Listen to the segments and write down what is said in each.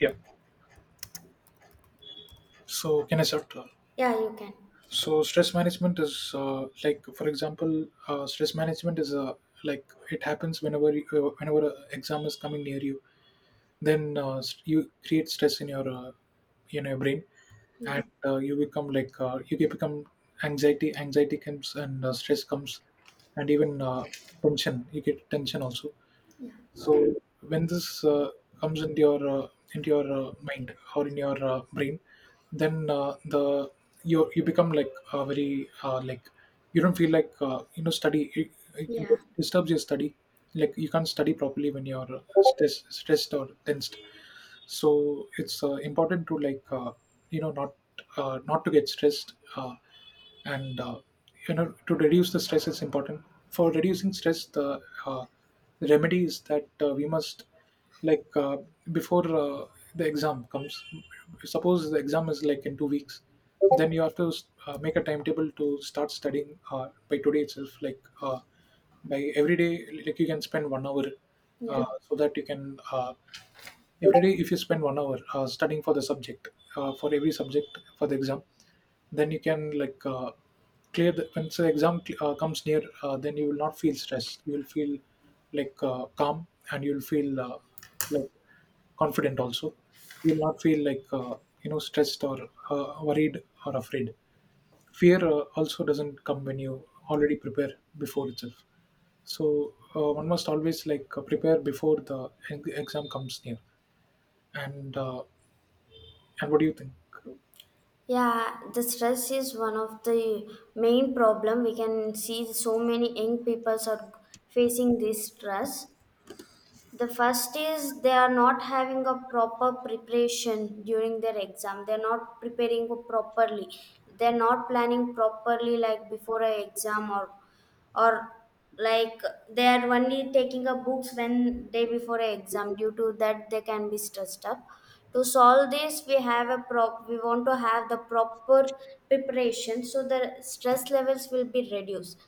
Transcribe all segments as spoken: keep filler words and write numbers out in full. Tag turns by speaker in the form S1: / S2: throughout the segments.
S1: Yeah. So, can I start? So, stress management is uh, like, for example, uh, stress management is uh, like it happens whenever you, uh, whenever an exam is coming near you. Then uh, st- you create stress in your uh, you know your brain, and uh, you become like uh, you can become anxiety. Anxiety comes, and uh, stress comes, and even uh, tension. You get tension also. So when this uh, comes into your uh, into your uh, mind or in your uh, brain, then uh, the you you become like uh, very uh, like you don't feel like uh, you know study it, it disturbs your study, like you can't study properly when you're uh, stress, stressed or tensed. So it's uh, important to like uh, you know not uh, not to get stressed, uh, and uh, you know to reduce the stress is important. For reducing stress the uh, the remedy is that uh, we must like uh, before uh, the exam comes, suppose the exam is like in two weeks, then you have to uh, make a timetable to start studying uh, by today itself, like uh, by every day, like you can spend one hour, uh, so that you can uh, every day, if you spend one hour uh, studying for the subject, uh, for every subject for the exam, then you can like uh, clear the when the exam uh, comes near, uh, then you will not feel stressed. You will feel like uh, calm, and you will feel uh, like confident also. You will not feel like uh, you know stressed or uh, worried or afraid. Fear uh, also doesn't come when you already prepare before itself. So uh, one must always like uh, prepare before the e- exam comes near, and uh, and what do you think?
S2: Stress is one of the main problem. We can see so many young people are facing this stress. The first is they are not having a proper preparation during their exam. They're not preparing properly, they're not planning properly, like before a exam or or like they are only taking up books when day before a exam. Due to that they can be stressed up. To solve this, we have a prop we want to have the proper preparation, so the stress levels will be reduced.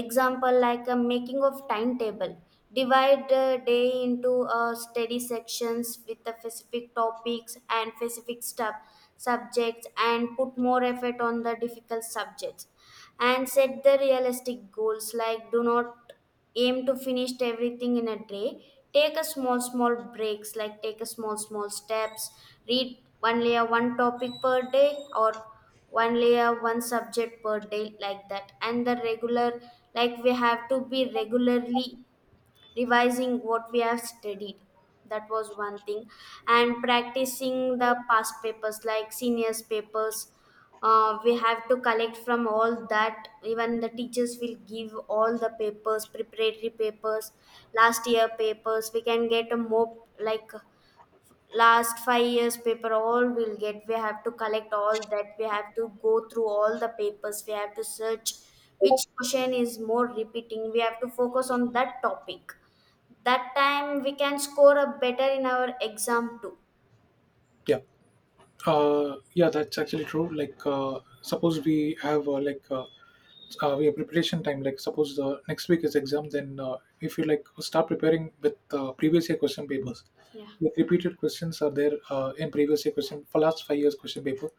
S2: Example, like a making of timetable, divide the day into uh, study sections with the specific topics and specific stuff, subjects, and put more effort on the difficult subjects, and set the realistic goals, like do not aim to finish everything in a day. Take a small small breaks, like take a small small steps. Read one layer one topic per day, or one layer one subject per day, like that. And the regular, like we have to be regularly revising what we have studied. That was one thing. And practicing the past papers, like seniors papers, uh, we have to collect from all that. Even the teachers will give all the papers, preparatory papers, last year papers, we can get a more, like last five years paper, all we'll get. We have to collect all that, we have to go through all the papers, we have to search which question is more repeating, we have to focus on that topic. That time we can score a better in our exam too.
S1: Yeah, uh, yeah, that's actually true. Like, uh, suppose we have uh, like uh, uh, we have preparation time. Like, suppose the next week is exam, then uh, if you like start preparing with uh, previous year question papers, like repeated questions are there uh, in previous year question for last five years question paper.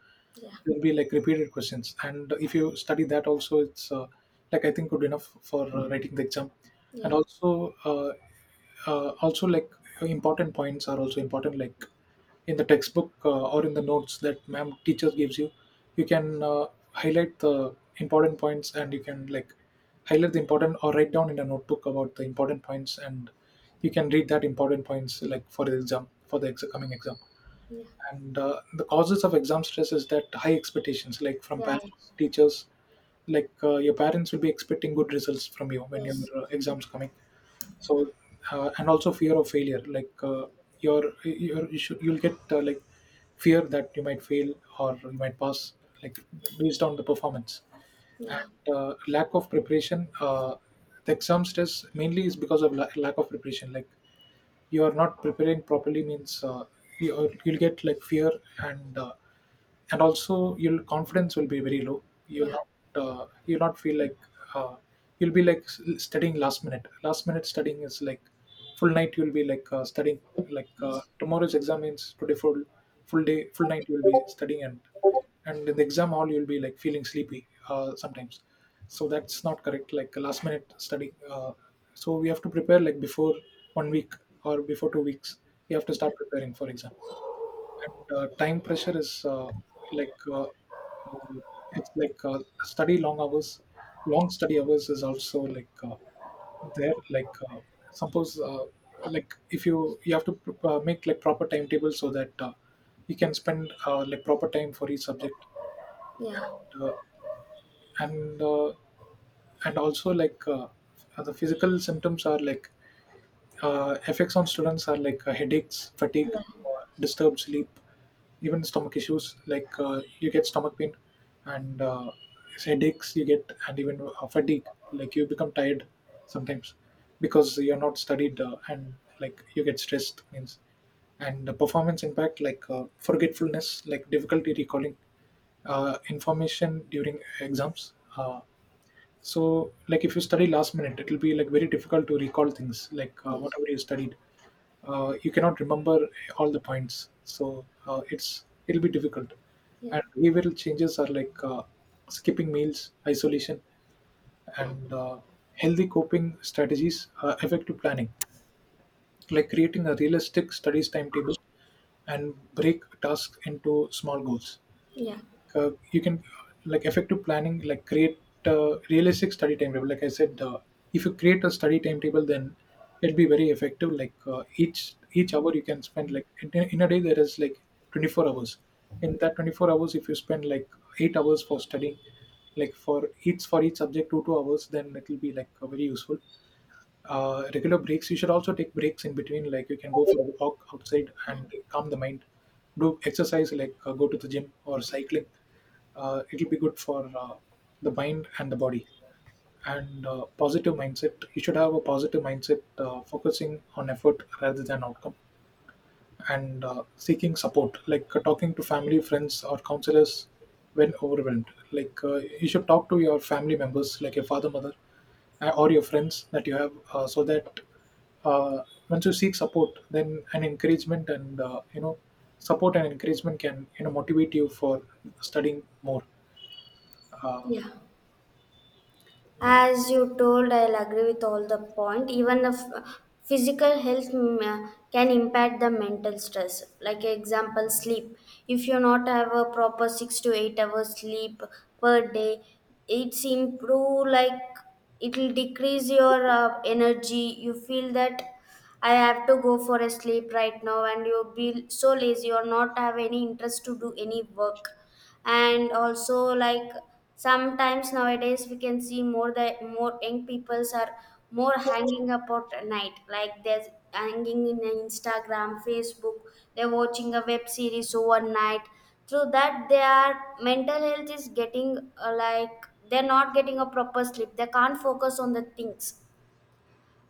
S1: There'll be like repeated questions, and if you study that also, it's uh, like I think good enough for uh, writing the exam. And also, uh, uh, also like important points are also important, like in the textbook uh, or in the notes that ma'am teacher gives you, you can uh, highlight the important points, and you can like highlight the important or write down in a notebook about the important points, and you can read that important points like for the exam for the ex- coming exam. And uh, the causes of exam stress is that high expectations, like from parents, teachers, like uh, your parents will be expecting good results from you when your uh, exams coming. So uh, and also fear of failure, like uh, your your you should, you'll get uh, like fear that you might fail or you might pass, like based on the performance. And uh, lack of preparation, uh, the exam stress mainly is because of la- lack of preparation, like you are not preparing properly means, uh, you, you'll you'll get like fear, and uh, and also your confidence will be very low. You'll not uh, you'll not feel like uh, you'll be like s- studying last minute. Last minute studying is like full night you'll be like uh, studying, like uh, tomorrow's exam means today full, full day full night you'll be studying, and and in the exam hall you'll be like feeling sleepy, uh, sometimes. So that's not correct, like last minute study. uh, so we have to prepare like before one week or before two weeks we have to start preparing for exam. And uh, time pressure is uh, like uh, um, it's like uh, study long hours. Long study hours is also like uh, there like uh, suppose uh, like if you you have to pr- uh, make like proper timetable so that uh, you can spend uh, like proper time for each subject. Uh, and uh, and also like uh, The physical symptoms are like uh, effects on students are like uh, headaches, fatigue, uh, disturbed sleep, even stomach issues. Like uh, you get stomach pain, and uh, headaches you get, and even uh, fatigue. Like you become tired sometimes because you're not studied, uh, and like you get stressed. Means and the performance impact, like uh, forgetfulness, like difficulty recalling uh, information during exams. Uh, so, like if you study last minute, it will be like very difficult to recall things. Like uh, whatever you studied, uh, you cannot remember all the points. So uh, it's it'll be difficult. And behavioral changes are like uh, skipping meals, isolation, and uh, healthy coping strategies, uh, effective planning, like creating a realistic studies timetable and break tasks into small goals. Uh, you can like effective planning like create a realistic study timetable like I said. Uh, if you create a study timetable, then it'll be very effective, like uh, each each hour you can spend, like in, in a day there is like twenty-four hours. In that twenty-four hours, if you spend like eight hours for studying, like for each for each subject two two hours, then it will be like uh, very useful. Uh, regular breaks, you should also take breaks in between, like you can go for a walk outside and calm the mind, do exercise like uh, go to the gym or cycling. Uh, it'll be good for uh, the mind and the body. And uh, positive mindset, you should have a positive mindset, uh, focusing on effort rather than outcome. And uh, seeking support, like uh, talking to family, friends, or counselors when overwhelmed. like uh, you should talk to your family members, like your father, mother, uh, or your friends that you have, uh, so that uh, once you seek support, then an encouragement and uh, you know support and encouragement can you know motivate you for studying more. uh,
S2: As you told, I'll agree with all the point. Even the f- physical health mm, uh, can impact the mental stress. Like example, sleep. If you not have a proper six to eight hours sleep per day, it's improve, like it will decrease your uh, energy. You feel that I have to go for a sleep right now, and you'll be so lazy or not have any interest to do any work. And also, like sometimes nowadays we can see more the more young peoples are more hanging about at night, like they're hanging in Instagram, Facebook, they're watching a web series overnight. Through that their mental health is getting uh, like they're not getting a proper sleep, they can't focus on the things.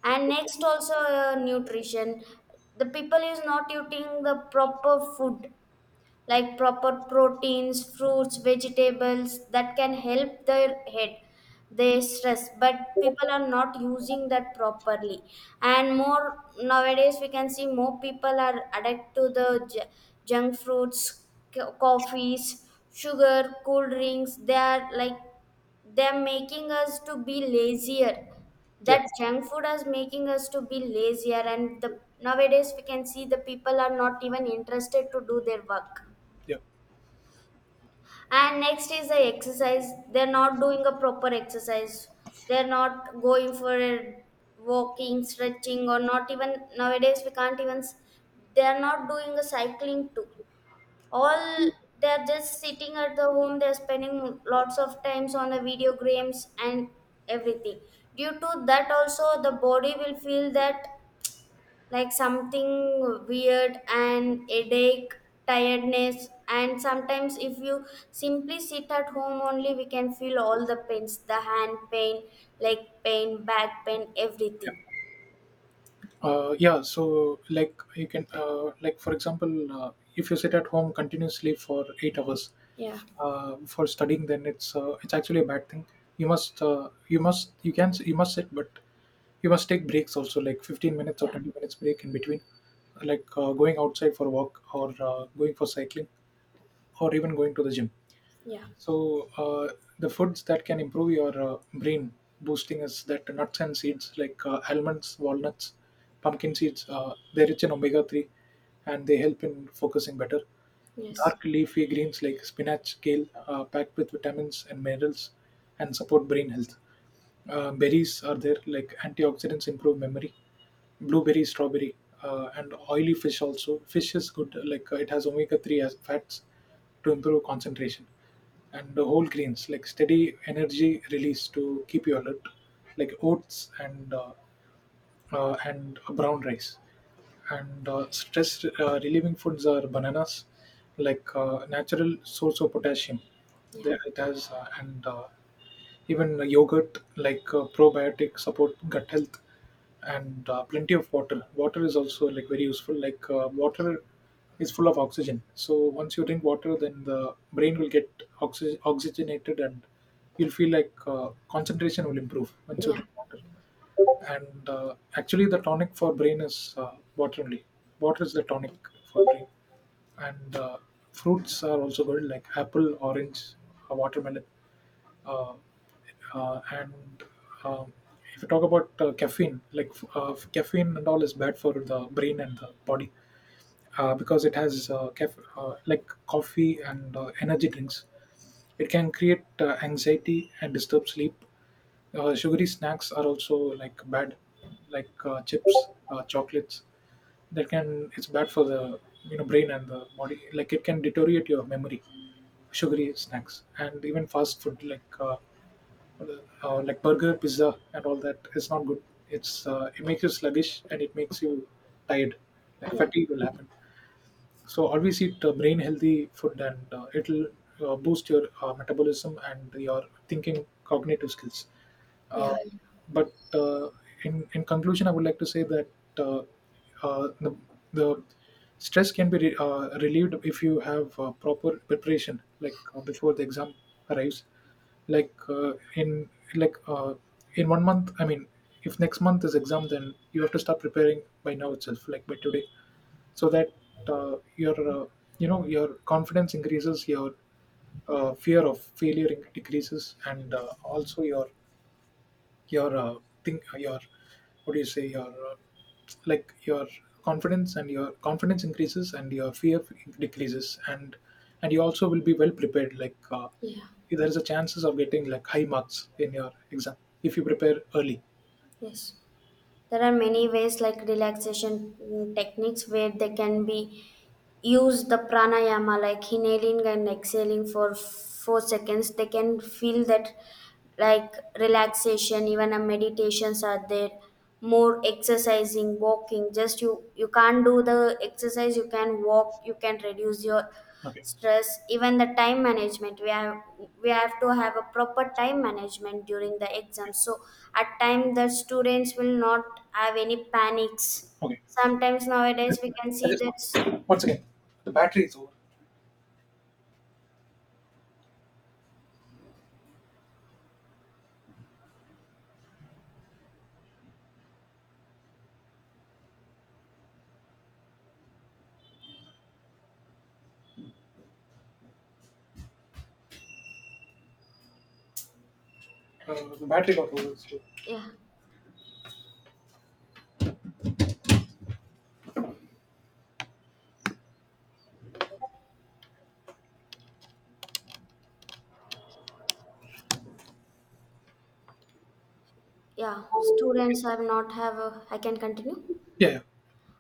S2: And next also, uh, nutrition, the people is not eating the proper food, like proper proteins, fruits, vegetables, that can help their head, their stress. But people are not using that properly. And more nowadays we can see more people are addicted to the ju- junk fruits, co- coffees, sugar, cool drinks. They are like, they're making us to be lazier.
S1: yeah
S2: That junk food is making us to be lazier, and the nowadays we can see the people are not even interested to do their work.
S1: yeah
S2: And next is the exercise. They're not doing a proper exercise, they're not going for a walking, stretching, or not even nowadays we can't even s- they're not doing a cycling too. All they're just sitting at the home, they're spending lots of times on the video games and everything. Due to that also the body will feel that like something weird, and headache, tiredness. And sometimes if you simply sit at home only, we can feel all the pains, the hand pain, leg pain, back pain, everything.
S1: Uh, yeah, so like you can uh, like for example, uh, if you sit at home continuously for eight hours uh, for studying, then it's uh, it's actually a bad thing. You must uh, you must you can you must sit, but you must take breaks also, like fifteen minutes or twenty minutes break in between, like uh, going outside for a walk or uh, going for cycling or even going to the gym. So uh, the foods that can improve your uh, brain boosting is that nuts and seeds, like uh, almonds, walnuts, pumpkin seeds. Uh, they're rich in omega three, and they help in focusing better. Dark leafy greens like spinach, kale, uh, packed with vitamins and minerals, and support brain health. Uh, berries are there, like antioxidants improve memory. Blueberry, strawberry, uh, and oily fish also. Fish is good, like uh, it has omega three as fats to improve concentration. And the whole grains, like steady energy release to keep you alert, like oats and uh, uh, and brown rice. And uh, stress uh, relieving foods are bananas, like uh, natural source of potassium. There it has, uh, and uh, even yogurt, like uh, probiotic, support gut health, and uh, plenty of water. Water is also like very useful. Like uh, water is full of oxygen. So once you drink water, then the brain will get oxy- oxygenated, and you'll feel like uh, concentration will improve once you drink water. And uh, actually, the tonic for brain is uh, water only. Water is the tonic for brain. And uh, fruits are also good, like apple, orange, uh, watermelon. Uh, uh, and um, if you talk about uh, caffeine, like uh, caffeine and all is bad for the brain and the body, uh, because it has uh, caf- uh, like coffee and uh, energy drinks. It can create uh, anxiety and disturb sleep. Uh, sugary snacks are also like bad, like uh, chips, uh, chocolates. That can It's bad for the you know brain and the body. Like it can deteriorate your memory. Sugary snacks and even fast food like uh, uh, like burger, pizza, and all that is not good. It's uh, it makes you sluggish and it makes you tired. Like fatigue will happen. So always eat uh, brain healthy food, and uh, it'll uh, boost your uh, metabolism and your thinking cognitive skills. Uh, but uh, in in conclusion, I would like to say that uh, uh, the the stress can be re- uh, relieved if you have uh, proper preparation, like uh, before the exam arrives. Like uh, in like uh, in one month, I mean, if next month is exam, then you have to start preparing by now itself, like by today, so that uh, your uh, you know your confidence increases, your uh, fear of failure inc- decreases, and uh, also your your uh, thing your what do you say your uh, like your confidence and your confidence increases and your fear decreases, and and you also will be well prepared, like uh, there is a chances of getting like high marks in your exam if you prepare early.
S2: There are many ways, like relaxation mm, techniques, where they can be use the pranayama, like inhaling and exhaling for four seconds, they can feel that like relaxation. Even a meditations are there, more exercising, walking. Just you you can't do the exercise, you can walk, you can reduce your
S1: Okay.
S2: stress. Even the time management, we have we have to have a proper time management during the exam, so at time the students will not have any panics.
S1: Okay.
S2: Sometimes nowadays we can
S1: I
S2: see that,
S1: just— once again, uh, the battery got over. So.
S2: yeah, students have not have a, I can continue.
S1: Yeah, yeah,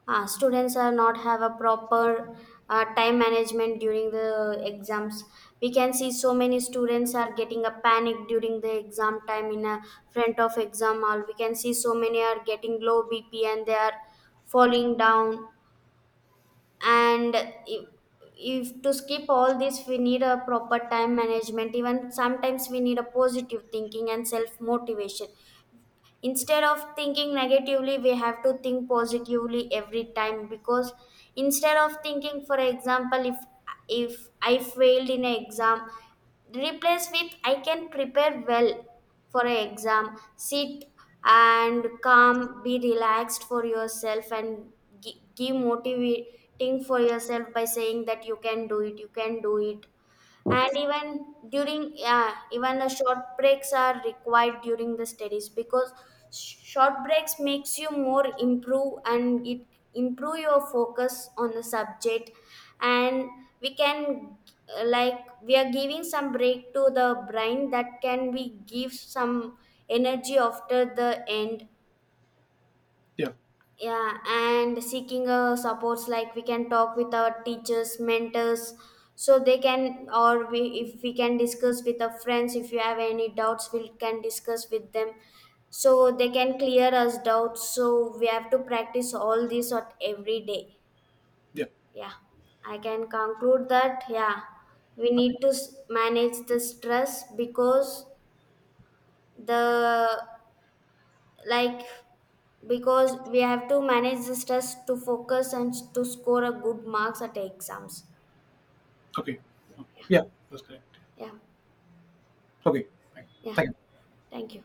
S2: Uh, students are not have a proper uh, time management during the exams. We can see so many students are getting a panic during the exam time. In a front of exam hall, we can see so many are getting low B P, and they are falling down. And if, if to skip all this, we need a proper time management. Even sometimes we need a positive thinking and self motivation. Instead of thinking negatively, we have to think positively every time. Because instead of thinking, for example, if if I failed in an exam, replace with I can prepare well for an exam. Sit and calm, be relaxed for yourself, and gi- give motivating for yourself by saying that you can do it, you can do it. And even during, yeah, even the short breaks are required during the studies, because sh- short breaks makes you more improve, and it improve your focus on the subject. And we can uh, like we are giving some break to the brain, that can be give some energy after the end.
S1: yeah.
S2: Yeah. And seeking uh, supports, like we can talk with our teachers, mentors, so they can, or we, if we can discuss with our friends, if you have any doubts we can discuss with them, so they can clear us doubts. So we have to practice all this at every day.
S1: Yeah.
S2: Yeah, I can conclude that, yeah, we need to s- manage the stress because the, like, because we have to manage the stress to focus and to score a good marks at the exams.
S1: Okay. Yeah, that's correct.
S2: Yeah.
S1: Okay. Fine.
S2: Yeah,
S1: Thank you.
S2: thank you.